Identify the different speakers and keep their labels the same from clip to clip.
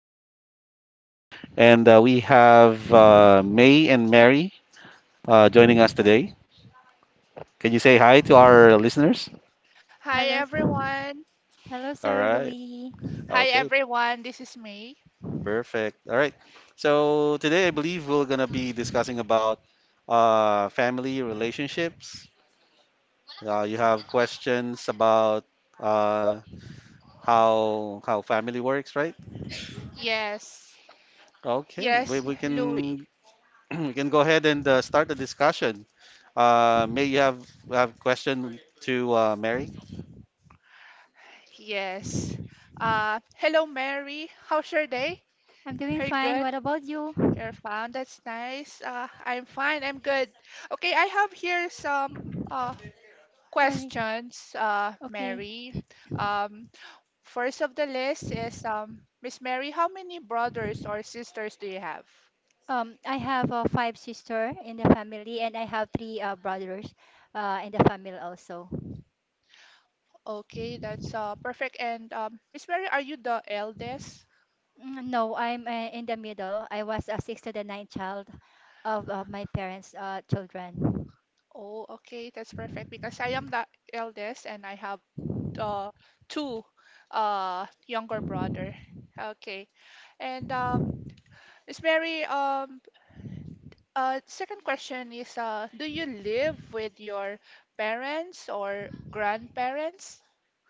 Speaker 1: Louis, and we have May and Mary joining us today. Can you say hi to our listeners?
Speaker 2: Hi
Speaker 3: Hello, s-
Speaker 2: everyone.
Speaker 3: hello,
Speaker 1: All
Speaker 3: Sir
Speaker 1: right,
Speaker 3: Louis.
Speaker 2: Hi
Speaker 1: okay,
Speaker 2: everyone. This is May.
Speaker 1: perfect. All right, so today I believe we're going to be discussing about family relationships. You have questions about uh, how family works, right?
Speaker 2: Yes.
Speaker 1: Okay,
Speaker 2: Yes,
Speaker 1: we
Speaker 2: Louis.
Speaker 1: can We can go ahead and start the discussion. May, you have question to Mary?
Speaker 2: Yes. Hello Mary. How's your day?
Speaker 3: I'm doing
Speaker 2: You're
Speaker 3: fine.
Speaker 2: good.
Speaker 3: What about you?
Speaker 2: You're fine. That's nice. I'm fine. I'm good. Okay, I have here some uh
Speaker 3: All right.
Speaker 2: questions,
Speaker 3: Okay.
Speaker 2: Mary. Um, first of the list is Miss Mary, how many brothers or sisters do you have?
Speaker 3: I have five sister in the family, and I have three brothers in the family also.
Speaker 2: Okay, that's perfect. And Miss Mary, are you the eldest?
Speaker 3: No, I'm in the middle. I was a sixth to the ninth child of my parents' children.
Speaker 2: Oh, okay, that's perfect because I am the eldest and I have uh two younger brother. Okay. And Miss Mary, second question is do you live with your parents or grandparents?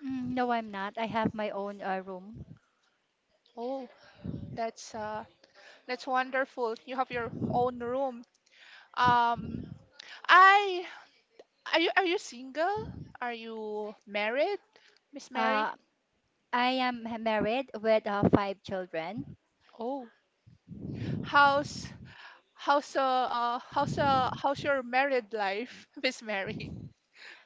Speaker 3: No, I'm not. I have my own room.
Speaker 2: Oh, that's uh that's wonderful. You have your own room. Um I are you single? Are you married, Miss Mary?
Speaker 3: Uh, I am married with five children.
Speaker 2: Oh, how's how's your married life, Miss Mary?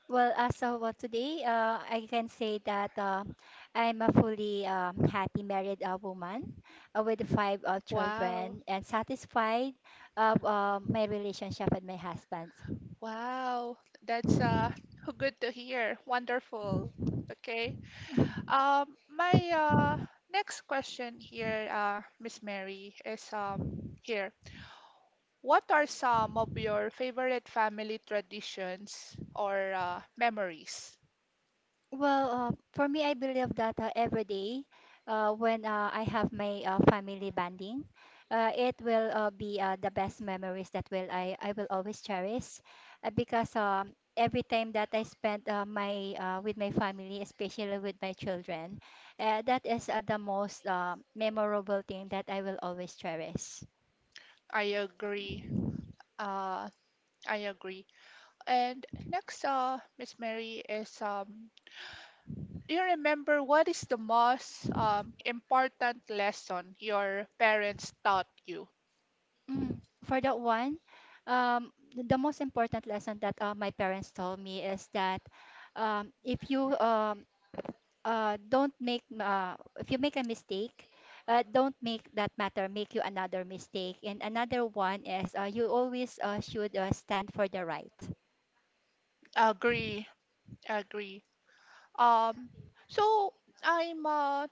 Speaker 3: Well, today, I can say that I'm a fully happy married woman with five
Speaker 2: Wow,
Speaker 3: children and satisfied of my relationship with my husband.
Speaker 2: wow, that's good to hear. Wonderful. Okay. My next question here, Miss Mary, is here. What are some of your favorite family traditions or memories?
Speaker 3: Well, for me, I believe that every day when I have my family bonding, it will be the best memories that I will always cherish because every time that I spent my with my family, especially with my children, that is the most memorable thing that I will always cherish.
Speaker 2: I agree. Uh, I agree. And next, Miss Mary, is do you remember what is the most important lesson your parents taught you?
Speaker 3: Mm. For that one, the most important lesson that my parents told me is that um, if you um, if you make a mistake don't make that matter make you another mistake, and another one is you always should stand for the right.
Speaker 2: Agree, agree. Um, so I'm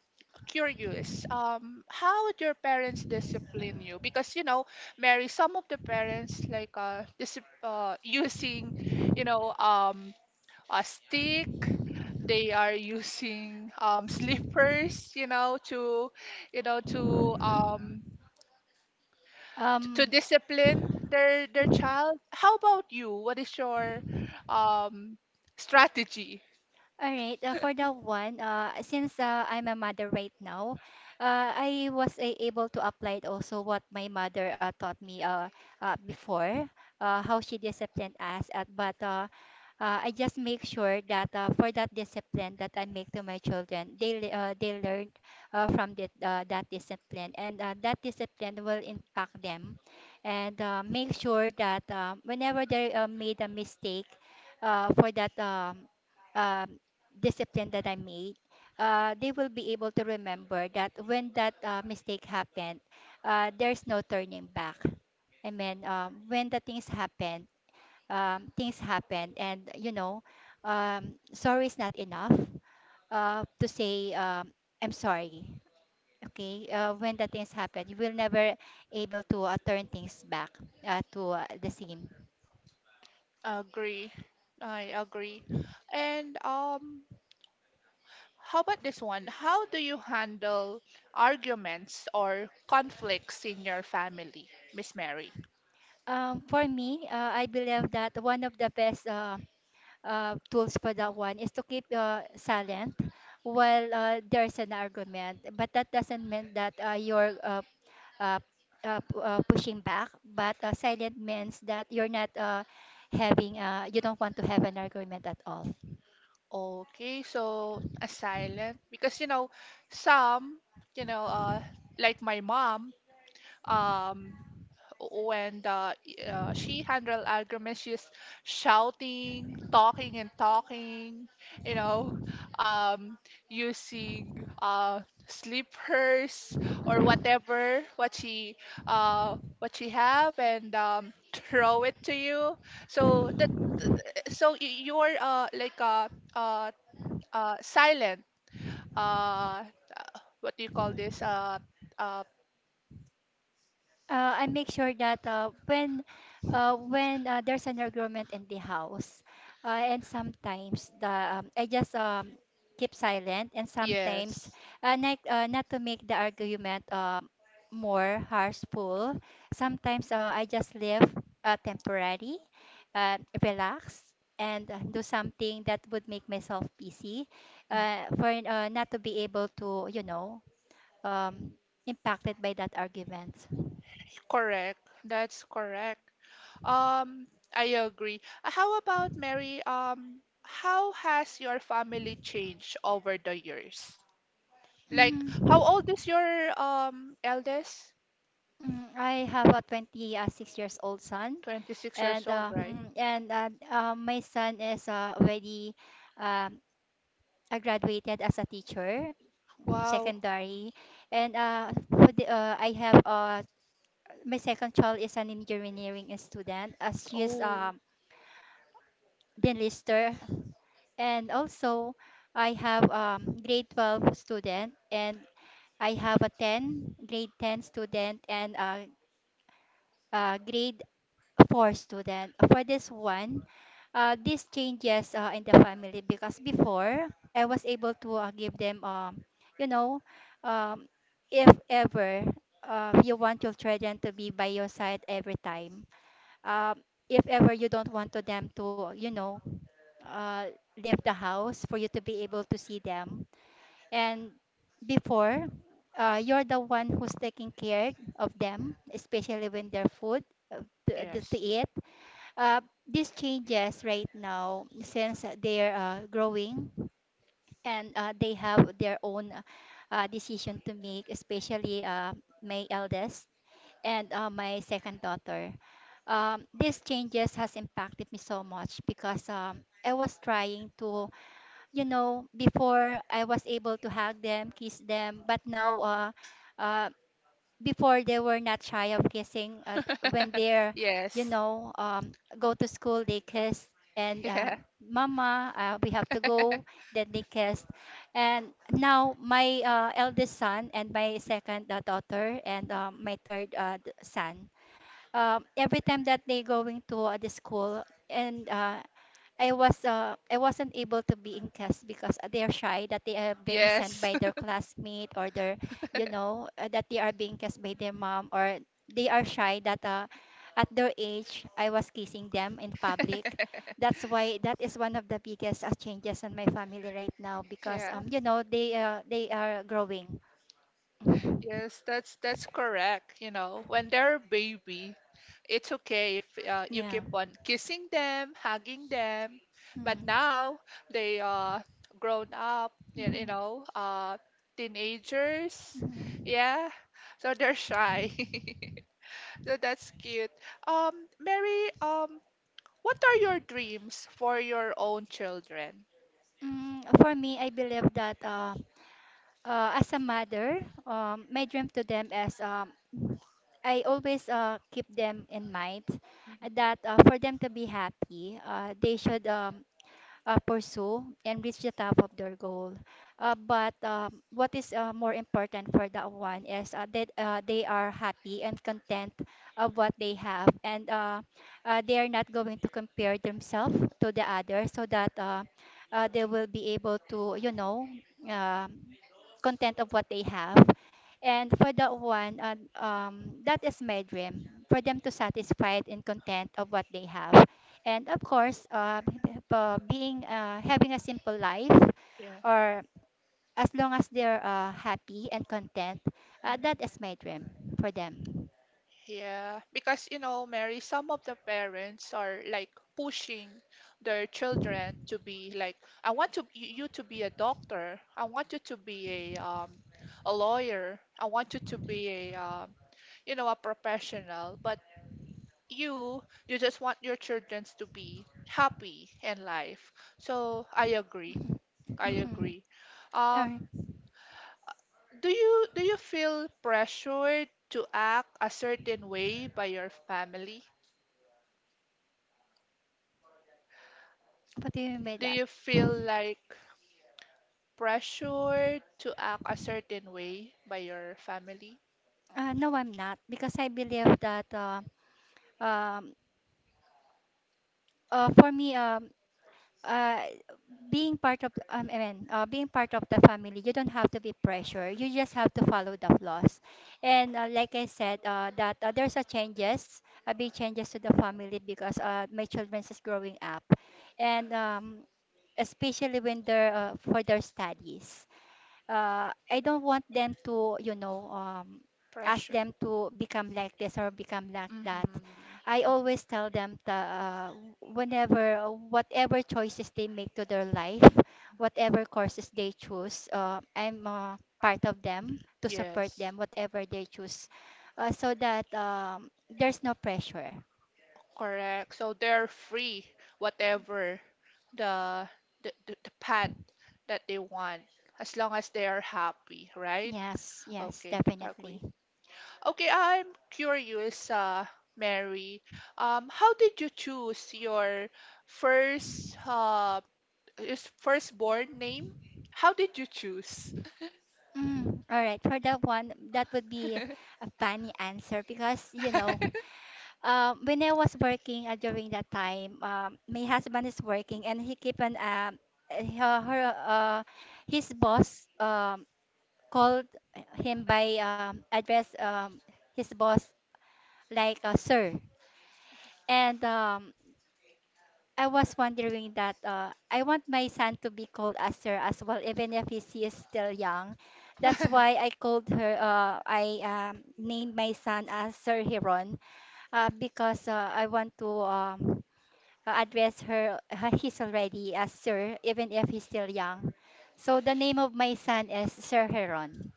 Speaker 2: curious. How would your parents discipline you? Because you know, Mary, some of the parents like disip using, you know, um, a stick. They are using slippers, to, you know, to um, to
Speaker 3: um,
Speaker 2: discipline their child. How about you? What is your um strategy?
Speaker 3: All right, for that one, since I'm a mother right now, I was a able to apply it also what my mother taught me before, how she disciplined us. But I just make sure that for that discipline that I make to my children, they learn from that discipline, and that discipline will impact them, and make sure that whenever they made a mistake, for that. Um, discipline that I made, they will be able to remember that when that mistake happened, there's no turning back. I mean, when the things happen, and you know, sorry is not enough to say I'm sorry. Okay, when the things happen, you will never able to turn things back to the same.
Speaker 2: Agree. I agree. And how about this one? How do you handle arguments or conflicts in your family, Miss Mary?
Speaker 3: For me, I believe that one of the best tools for that one is to keep silent while there's an argument. But that doesn't mean that you're uh, pushing back, but silent means that you're not you don't want to have an argument at all.
Speaker 2: Okay, so a silent because you know some, you know, uh like my mom, um when the she handle argument, she's shouting, talking and talking, you know, um, using slippers or whatever what she have and throw it to you. So that you're like uh, silent. Uh, what do you call this? Uh,
Speaker 3: I make sure that when there's an argument in the house, and sometimes the I just keep silent, and sometimes
Speaker 2: Yes.
Speaker 3: not not to make the argument more harshful. Sometimes I just leave temporary, relax. And do something that would make myself busy,
Speaker 2: Mm.
Speaker 3: for not to be able to, you know, um, impacted by that argument.
Speaker 2: Correct. That's correct. Um, I agree. How about Mary? How has your family changed over the years? Like,
Speaker 3: Mhm.
Speaker 2: how old is your eldest?
Speaker 3: Mm, I have a 26 years old son,
Speaker 2: 26
Speaker 3: and
Speaker 2: years
Speaker 3: uh,
Speaker 2: old, right?
Speaker 3: mm, and uh, uh, my son is already um, graduated as a teacher,
Speaker 2: Wow.
Speaker 3: secondary, and I have my second child is an engineering student, as she is
Speaker 2: Oh,
Speaker 3: the enlister, and also I have grade 12 student, and I have a 10 grade 10 student, and grade for student for this one. This changes in the family because before I was able to give them, you know um, if ever you want your children to be by your side every time, um, if ever you don't want to them to, you know, uh, leave the house for you to be able to see them. And before you're the one who's taking care of them, especially when they're food uh, to
Speaker 2: yes.
Speaker 3: eat. uh, these changes right now since they're growing, and they have their own decision to make, especially my eldest and my second daughter. These changes has impacted me so much because I was trying to, you know, before I was able to hug them, kiss them, but now, uh, before they were not shy of kissing when they're, you
Speaker 2: Yes.
Speaker 3: know, go to school they kiss. And
Speaker 2: Yeah.
Speaker 3: Mama, we have to go, then they kiss. And now my eldest son and my second daughter and my third son, every time that they going to the school and I wasn't able to be in class because they are shy that they are being sent
Speaker 2: Yes.
Speaker 3: by their classmate or their, you know, that they are being kissed by their mom, or they are shy that at their age I was kissing them in public. That's why that is one of the biggest changes in my family right now, because
Speaker 2: Yeah.
Speaker 3: you know they are growing.
Speaker 2: Yes, that's correct. You know, when they're a baby, it's okay if
Speaker 3: Mhm.
Speaker 2: you
Speaker 3: Yeah.
Speaker 2: keep on kissing them, hugging them.
Speaker 3: Mm.
Speaker 2: But
Speaker 3: Mhm.
Speaker 2: now they are grown up, teenagers.
Speaker 3: Mhm.
Speaker 2: Yeah, so they're shy. So that's cute. Um, Mary, what are your dreams for your own children?
Speaker 3: Mm, for me, I believe that as a mother, my dream to them is, I always keep them in mind
Speaker 2: Mhm.
Speaker 3: that for them to be happy, they should pursue and reach the top of their goal. But what is more important for that one is that they are happy and content of what they have, and they are not going to compare themselves to the others, so that they will be able to, you know. um content of what they have. And for that one, that is my dream for them, to satisfied and content of what they have. And of course, being having a simple life,
Speaker 2: Yeah.
Speaker 3: or as long as they're happy and content,
Speaker 2: Mm.
Speaker 3: that is my dream for them.
Speaker 2: Yeah, because you know, Mary, some of the parents are like pushing their children to be like, I want to you to be a doctor. I want you to be a lawyer. I want you to be a professional. But you just want your children to be happy in life. So I agree. I
Speaker 3: Mm-hmm.
Speaker 2: agree.
Speaker 3: All right.
Speaker 2: Um, do you feel pressured to act a certain way by your family?
Speaker 3: What do you mean by
Speaker 2: Do
Speaker 3: that?
Speaker 2: you feel like pressure to act a certain way by your family?
Speaker 3: No, I'm not, because I believe that um, for me, uh, being part of being part of the family, you don't have to be pressure. You just have to follow the laws. And like I said, that there's a changes, a big changes to the family because my childrens is growing up, and especially when they're for their studies, I don't want them to, you know, ask
Speaker 2: Pressure.
Speaker 3: them to become like this or become like that.
Speaker 2: Mm-hmm.
Speaker 3: I always tell them that whatever choices they make to their life, whatever courses they choose, I'm part of them to support
Speaker 2: Yes,
Speaker 3: them, whatever they choose, so that there's no pressure.
Speaker 2: correct. So they're free, whatever the the path that they want, as long as they are happy, right?
Speaker 3: Yes, yes,
Speaker 2: Okay,
Speaker 3: definitely.
Speaker 2: agree. Okay, I'm curious, Mary. How did you choose your first His firstborn name? How did you choose?
Speaker 3: Mm, all right, for that one, that would be a funny answer because you know. When I was working during that time, my husband is working and he keep on her, her his boss called him by address his boss like sir. And I was wondering that I want my son to be called as sir as well, even if she is still young. That's why I called her. I named my son as Sir Hiron because I want to. Address her he's already as sir even if he's still young, so the name of my son is Sir Heron.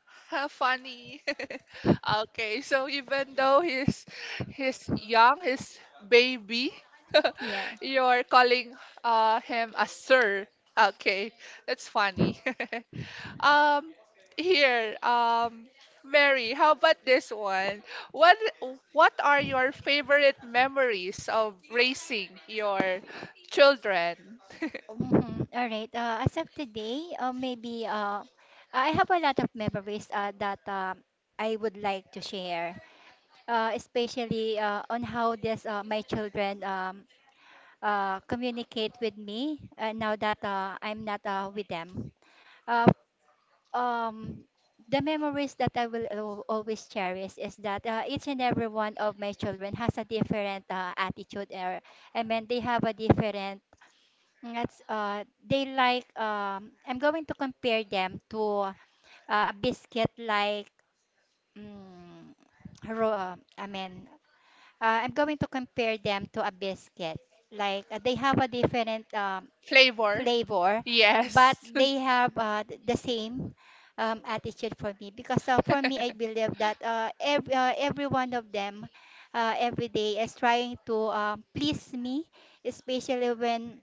Speaker 2: funny. Okay, so even though he's young, he's baby,
Speaker 3: Yeah.
Speaker 2: you're calling him a sir. Okay, that's funny. Um, here, Mary, how about this one? What what are your favorite memories of raising your children?
Speaker 3: Mhm. All right, as of today, maybe I have a lot of memories that I would like to share, especially on how this my children communicate with me now that I'm not with them. uh, um the memories that I will always cherish is that each and every one of my children has a different attitude, or I mean they have a different, that's they like. I'm going to compare them to a biscuit, like mm, ro- uh, I mean I'm going to compare them to a biscuit, like they have a different
Speaker 2: Flavor?
Speaker 3: flavor, but
Speaker 2: Yes.
Speaker 3: they have the same attitude. For me, because for me, I believe that every one of them every day is trying to please me, especially when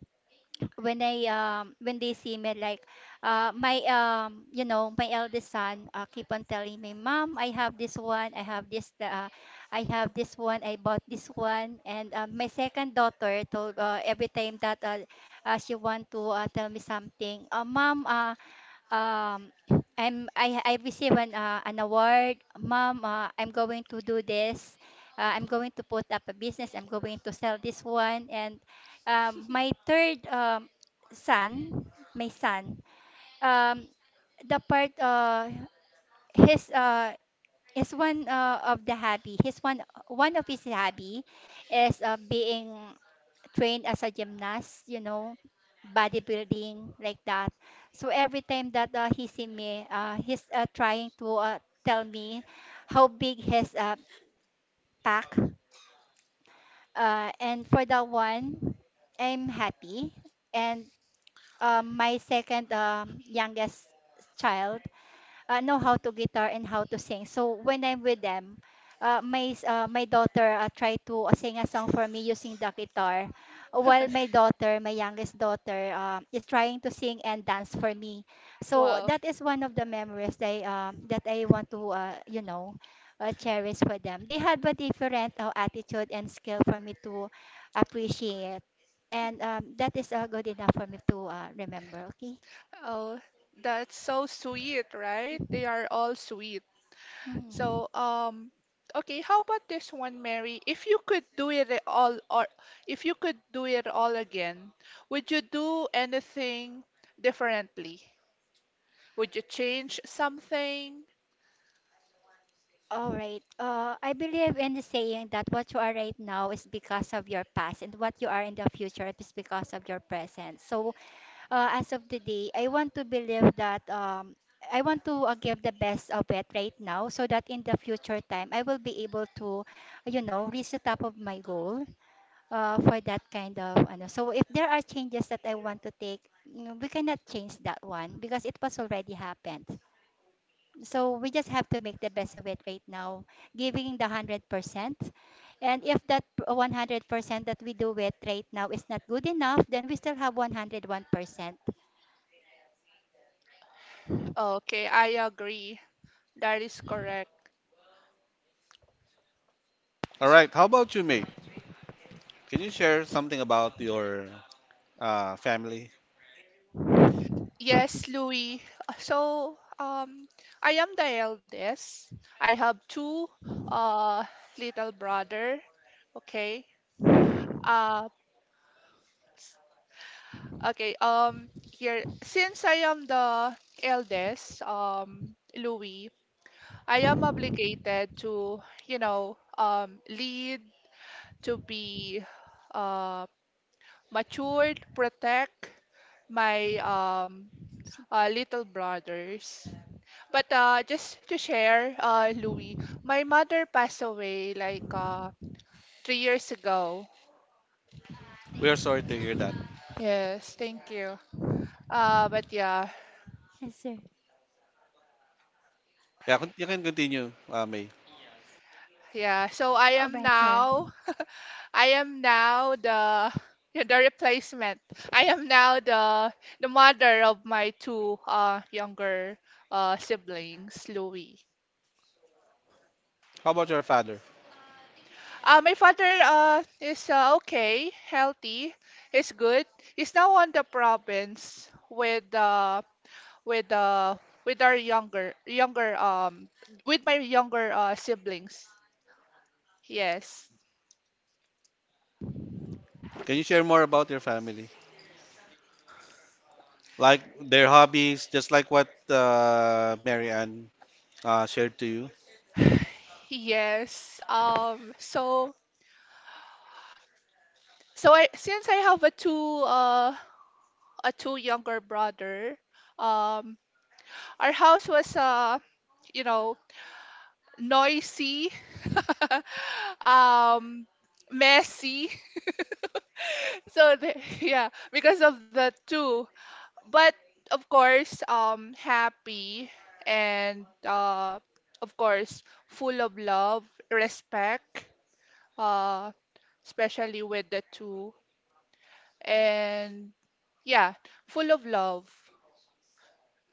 Speaker 3: I when they see me like my you know my eldest son keep on telling me, mom, I have this one, I have this one, I bought this one. And my second daughter told every time that she want to tell me something. Mom, um I'm I receive an award, mom. I'm going to do this. I'm going to put up a business. I'm going to sell this one. And my third son, my son, um, the part his is one of the hobby. His one one of his hobby is being trained as a gymnast, you know, bodybuilding like that. So every time that he see me, he's trying to tell me how big his pack. And for that one, I'm happy. And my second youngest child, know how to guitar and how to sing. So when I'm with them, my daughter tried to sing a song for me using the guitar, while my daughter, my youngest daughter, is trying to sing and dance for me. So
Speaker 2: Wow.
Speaker 3: that is one of the memories that that I want to cherish for them. They had a different attitude and skill for me to appreciate, and that is good enough for me to remember. Okay.
Speaker 2: Oh, that's so sweet, right? They are all sweet.
Speaker 3: Mhm.
Speaker 2: So, okay, how about this one, Mary? If you could do it all, or if you could do it all again, would you do anything differently? Would you change something?
Speaker 3: All right. I believe in the saying that what you are right now is because of your past, and what you are in the future is because of your present. So, as of today, I want to believe that I want to give the best of it right now, so that in the future time, I will be able to, you know, reach the top of my goal for that kind of. Ano. So, if there are changes that I want to take, we cannot change that one because it was already happened. So we just have to make the best of it right now, giving the 100%. And if that 100% that we do it right now is not good enough, then we still have 101%.
Speaker 2: Okay, I agree. That is correct.
Speaker 1: All right. How about you, May? Can you share something about your family?
Speaker 2: Yes, Louis. So, I am the eldest. I have two uh little brother. Okay. Uh, Okay, here, since I am the eldest, Louis, I am obligated to, lead, to be uh, matured, protect my
Speaker 3: Sige.
Speaker 2: little brothers. But just to share, Louis, my mother passed away like 3 years ago.
Speaker 1: We are sorry to hear that.
Speaker 2: Yes, thank you. But yeah,
Speaker 3: Yes, sir.
Speaker 1: Yeah, you can continue, May.
Speaker 2: yeah, so I
Speaker 3: All
Speaker 2: am
Speaker 3: right, sir.
Speaker 2: now, I am now the yeah, the replacement. I am now the mother of my two younger siblings, Louis.
Speaker 1: How about your father?
Speaker 2: My father is okay, healthy, he's good. He's now on the province with uh with our younger younger with my younger siblings. Yes.
Speaker 1: Can you share more about your family? Like their hobbies, just like what Mary Ann shared to you?
Speaker 2: Yes. So I, since I have a two younger brother, um our house was you know noisy, um messy. So yeah, because of the two. But of course, happy and of course full of love, respect, uh especially with the two. And yeah, full of love.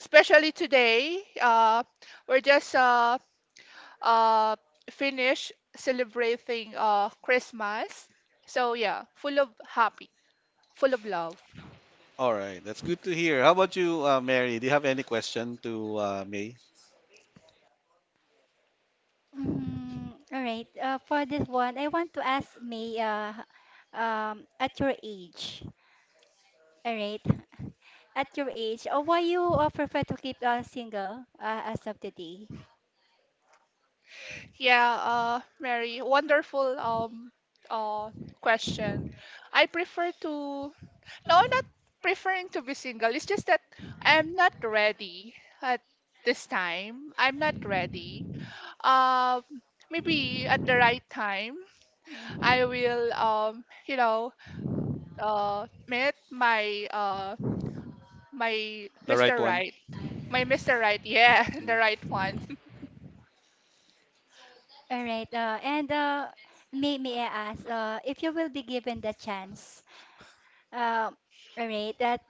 Speaker 2: Especially today, we're just uh, finished celebrating Christmas. So yeah, full of happy, full of love.
Speaker 1: All right. That's good to hear. How about you, Mary? Do you have any question to May?
Speaker 3: Mm, all right. For this one, I want to ask May, at your age, all right, at your age, why you prefer to keep single as of today?
Speaker 2: Yeah, Mary, wonderful uh question. I prefer to no, I'm not preferring to be single. It's just that I'm not ready at this time. I'm not ready um maybe at the right time I will meet my
Speaker 1: The right
Speaker 2: Mr.
Speaker 1: one.
Speaker 2: Right. My Mr. Right, yeah, the right one.
Speaker 3: All right. And may I ask if you will be given the chance? Uh, all right. That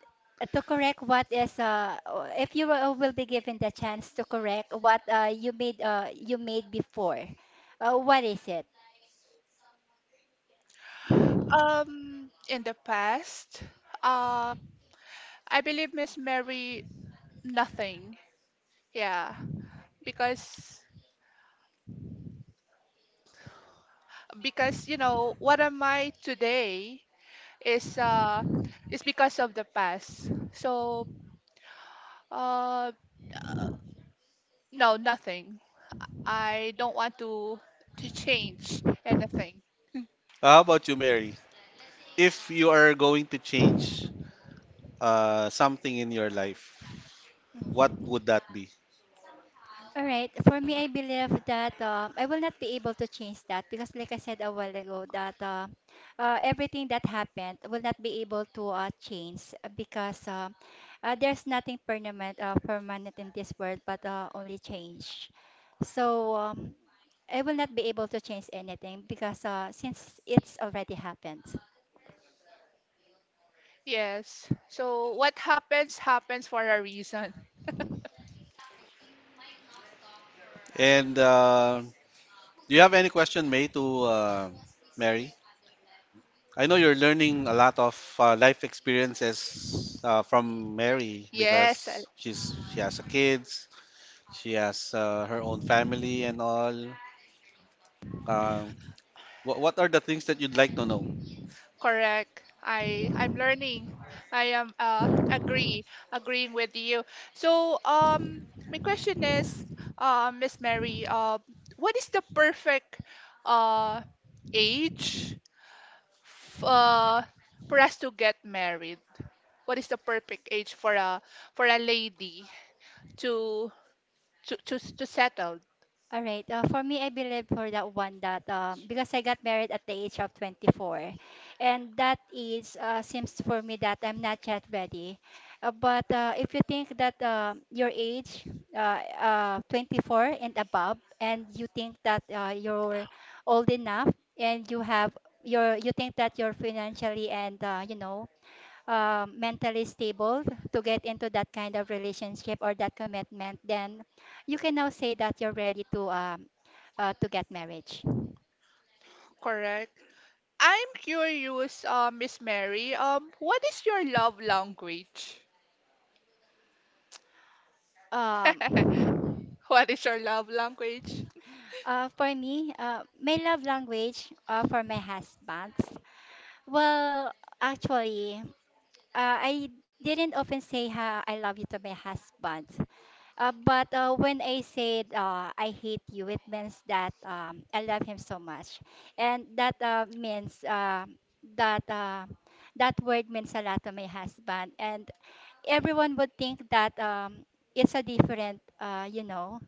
Speaker 3: To correct what is if you will be given the chance to correct what you made before, what is it?
Speaker 2: In the past, uh I believe Miss Mary, nothing. Yeah, because because you know what am I today is uh is because of the past. So uh uh, no, nothing. I don't want to change anything.
Speaker 1: How about you, Mary? If you are going to change something in your life, what would that be?
Speaker 3: All right. For me, I believe that I will not be able to change that because, like I said a while ago, that everything that happened will not be able to change because there's nothing permanent, permanent in this world, but only change. So I will not be able to change anything because since it's already happened.
Speaker 2: Yes. So what happens happens for a reason.
Speaker 1: And do you have any question, May, to Mary? I know you're learning a lot of life experiences from Mary
Speaker 2: Yes,
Speaker 1: because she has a kids, she has her own family and all. Uh, what are the things that you'd like to know?
Speaker 2: correct. I'm learning. I am agreeing with you. So my question is Miss Mary, what is the perfect uh age f for us to get married? What is the perfect age for a lady to to settle,
Speaker 3: All right. For me, I believe for that one that because I got married at the age of 24, and that is seems for me that I'm not yet ready. But if you think that your age, 24 and above, and you think that you're old enough and you have you think that you're financially and you know mentally stable to get into that kind of relationship or that commitment, then you can now say that you're ready to get marriage.
Speaker 2: correct? I'm curious, Miss Mary. What is your love language?
Speaker 3: Um,
Speaker 2: What is your love language?
Speaker 3: for me, my love language for my husband. Well, actually, I didn't often say how I love you to my husband. But when I said I hate you, it means that I love him so much, and that means that that word means a lot to my husband, and everyone would think that it's a different, you know,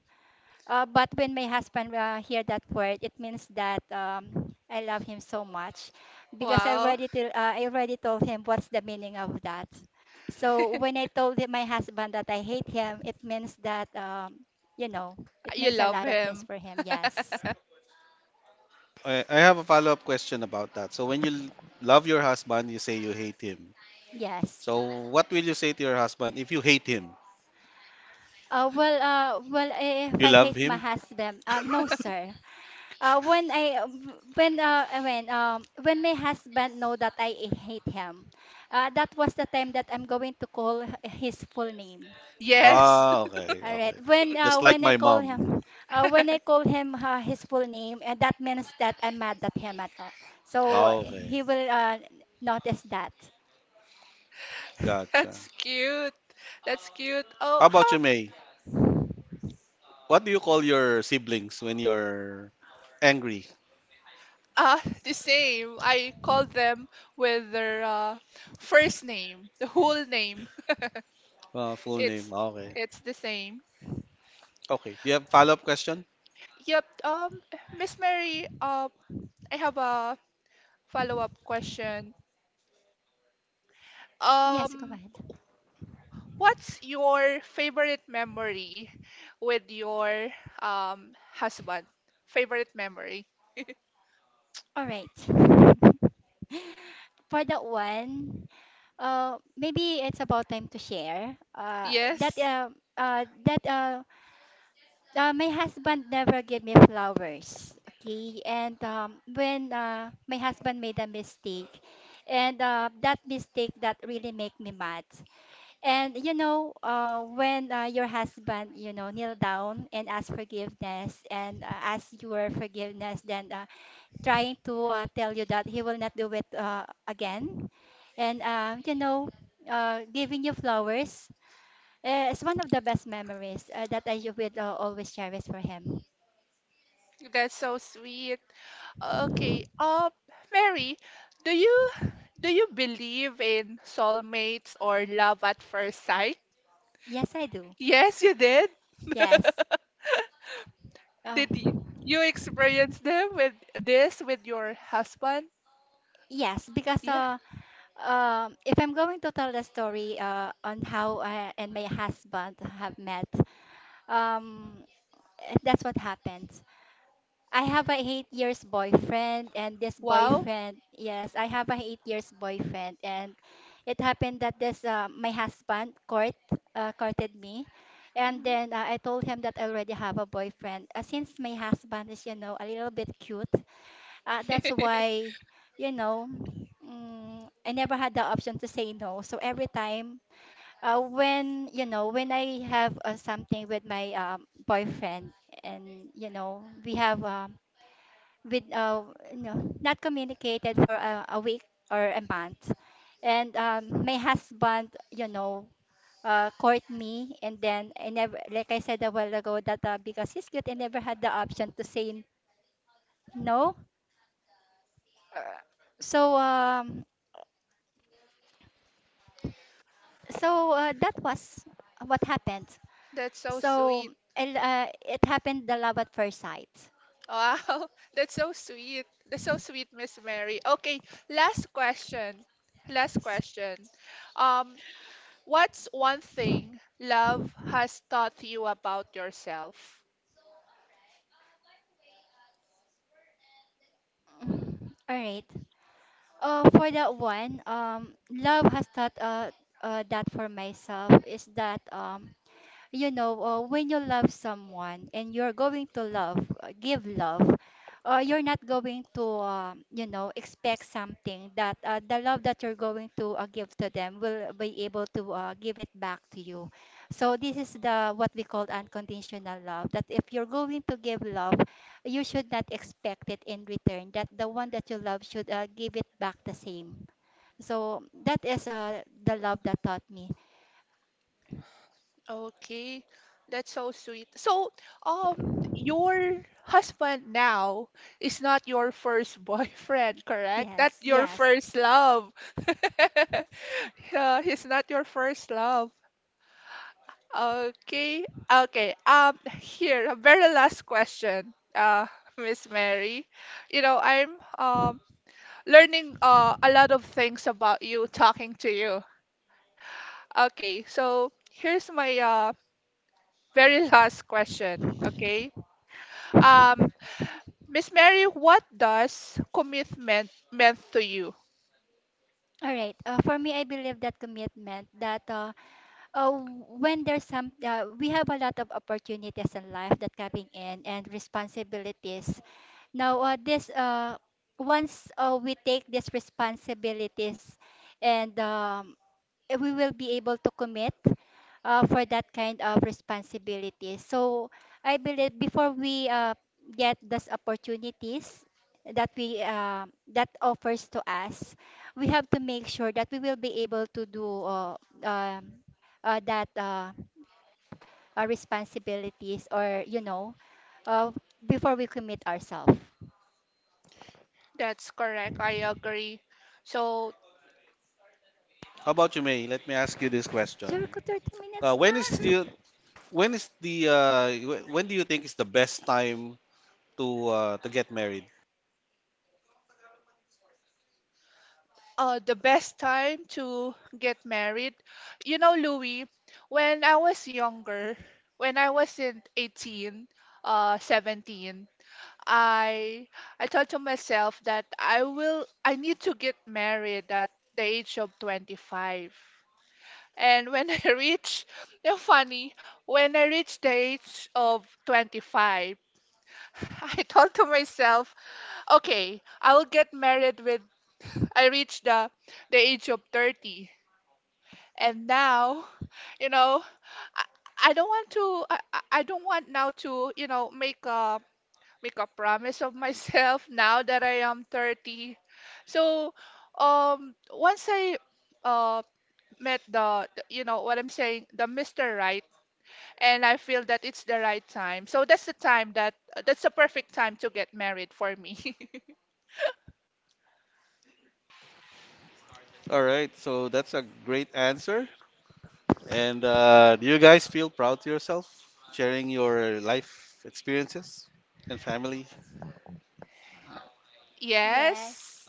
Speaker 3: but when my husband hear that word, it means that I love him so much because
Speaker 2: Wow,
Speaker 3: I already told him what's the meaning of that. So when I told him, my husband, that I hate him, it means that you know, it
Speaker 2: you
Speaker 3: means a
Speaker 2: love
Speaker 3: lot of things
Speaker 2: him.
Speaker 3: for him. Yes,
Speaker 1: I have a follow-up question about that. So when you love your husband, you say you hate him.
Speaker 3: yes.
Speaker 1: So, what will you say to your husband if you hate him?
Speaker 3: If
Speaker 1: You
Speaker 3: I
Speaker 1: love
Speaker 3: hate my
Speaker 1: him?
Speaker 3: husband, no, sir. When I when When my husband know that I hate him, that was the time that I'm going to call his full name.
Speaker 2: Yes,
Speaker 1: Ah, okay,
Speaker 3: All right.
Speaker 1: okay.
Speaker 3: When uh
Speaker 1: Just like
Speaker 3: when I
Speaker 1: my
Speaker 3: call
Speaker 1: mom.
Speaker 3: him, his full name, that means that I'm mad at him at all. So
Speaker 1: Ah, okay.
Speaker 3: he will notice that.
Speaker 1: Gotcha.
Speaker 2: that's cute. That's cute. Oh,
Speaker 1: How about
Speaker 2: how?
Speaker 1: you, May? What do you call your siblings when you're angry?
Speaker 2: Ah, the same. I call them with their first name, the whole name.
Speaker 1: Full name.
Speaker 2: It's
Speaker 1: Ah, okay.
Speaker 2: it's the same.
Speaker 1: Okay. Do you have follow-up question?
Speaker 2: Yep. Miss Mary, I have a follow-up question.
Speaker 3: Yes, go
Speaker 2: Um,
Speaker 3: ahead.
Speaker 2: what's your favorite memory with your husband? Favorite memory?
Speaker 3: All right. For that one, maybe it's about time to share. That
Speaker 2: Yes,
Speaker 3: that My husband never gave me flowers. Okay, and when my husband made a mistake, and that mistake that really make me mad. And you know, when your husband, you know, kneel down and ask forgiveness and ask your forgiveness, then trying to tell you that he will not do it again, and you know, giving you flowers. It's one of the best memories that I will always cherish for him.
Speaker 2: that's so sweet. Okay. Mary, do you do you believe in soulmates or love at first sight?
Speaker 3: Yes, I do.
Speaker 2: Yes, you did.
Speaker 3: Yes. Uh,
Speaker 2: Did you experience them with your husband?
Speaker 3: yes, because
Speaker 2: Yeah.
Speaker 3: if I'm going to tell the story on how I and my husband have met, um, that's what happened. I have a 8 years boyfriend, and this
Speaker 2: Wow.
Speaker 3: boyfriend, yes, I have a 8 years boyfriend, and it happened that this my husband courted me, and
Speaker 2: Mhm.
Speaker 3: then I told him that I already have a boyfriend. Since my husband is, you know, a little bit cute. That's why, you know, I never had the option to say no. So every time, when you know, when I have something with my boyfriend, and you know, we have with you know, not communicated for a week or a month, and my husband, you know. Court me and then I never, like I said a while ago, that because he's cute, I never had the option to say no, so that was what happened.
Speaker 2: That's so
Speaker 3: So
Speaker 2: sweet.
Speaker 3: and, it happened the love at first sight.
Speaker 2: Wow. That's so sweet. That's so sweet, Miss Mary. Okay, last question. Last question. Um, what's one thing love has taught you about yourself?
Speaker 3: Mm, all right. For that one, love has taught that for myself is that you know, when you love someone and you're going to love, give love, you're not going to, you know, expect something that the love that you're going to give to them will be able to give it back to you. So this is the what we call unconditional love. That if you're going to give love, you should not expect it in return. That the one that you love should give it back the same. So that is the love that taught me.
Speaker 2: Okay, that's so sweet. So, um, your husband now is not your first boyfriend, correct? Not
Speaker 3: Yes,
Speaker 2: your
Speaker 3: yes.
Speaker 2: first love. Yeah, he's not your first love. Okay, okay. Here, a very last question, Miss Mary. You know, I'm learning a lot of things about you talking to you. Okay, so here's my very last question. Okay. Um, Miss Mary, what does commitment meant to you?
Speaker 3: All right. For me, I believe that commitment that uh, when there's some, we have a lot of opportunities in life that coming in and responsibilities. Now, this once we take these responsibilities and we will be able to commit for that kind of responsibility. So I believe before we get those opportunities that we that offers to us, we have to make sure that we will be able to do um that responsibilities or you know uh, before we commit ourselves.
Speaker 2: That's correct. I agree. So,
Speaker 1: How about you, May? Let me ask you this question.
Speaker 3: Jericho, 30 minutes
Speaker 1: Uh, when is
Speaker 3: na.
Speaker 1: the when do you think is the best time to to get married?
Speaker 2: the best time to get married, you know, Louis, when I was younger, when I wasn't 18, 17, I I thought to myself that I need to get married at the age of 25. And when I reach, you funny, when I reached the age of 25, I thought to myself, okay, I will get married with, I reached the age of 30. And now, you know, I, I don't want to, I don't want now to, make a promise of myself now that I am 30. So, once I, uh, met you know, what I'm saying, the Mr. Right, and I feel that it's the right time. So that's the time that's the perfect time to get married for me.
Speaker 1: All right. So that's a great answer. And do you guys feel proud to yourself sharing your life experiences and family?
Speaker 3: Yes.
Speaker 2: Yes.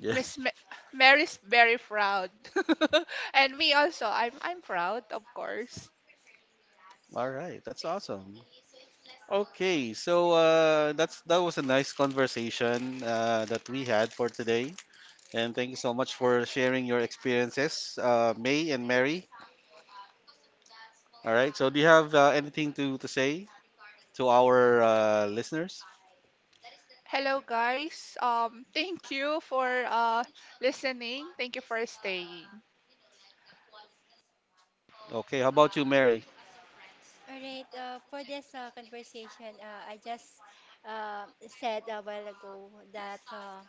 Speaker 1: Yes.
Speaker 2: Miss Mary's very proud. And me also. I'm proud, of course.
Speaker 1: All right, that's awesome. Okay, so that was a nice conversation that we had for today, and thank you so much for sharing your experiences, May and Mary. All right, so do you have anything to say to our listeners?
Speaker 2: Hello guys. Thank you for listening. Thank you for staying.
Speaker 1: Okay, how about you, Mary?
Speaker 3: All right, for this conversation, I just said a while ago that uh,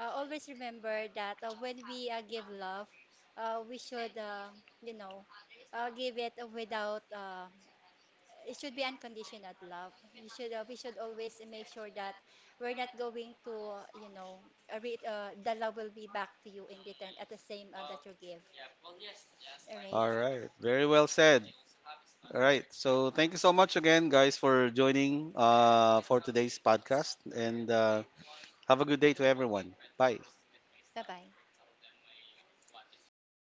Speaker 3: uh, always remember that when we give love, we should, give it without, it should be unconditional love. You should, we should always make sure that we're not going to, you know, the love will be back to you in return at the same that you give. All right,
Speaker 1: All right, very well said. All right. So thank you so much again, guys, for joining for today's podcast, and have a good day to everyone. Bye.
Speaker 3: bye bye.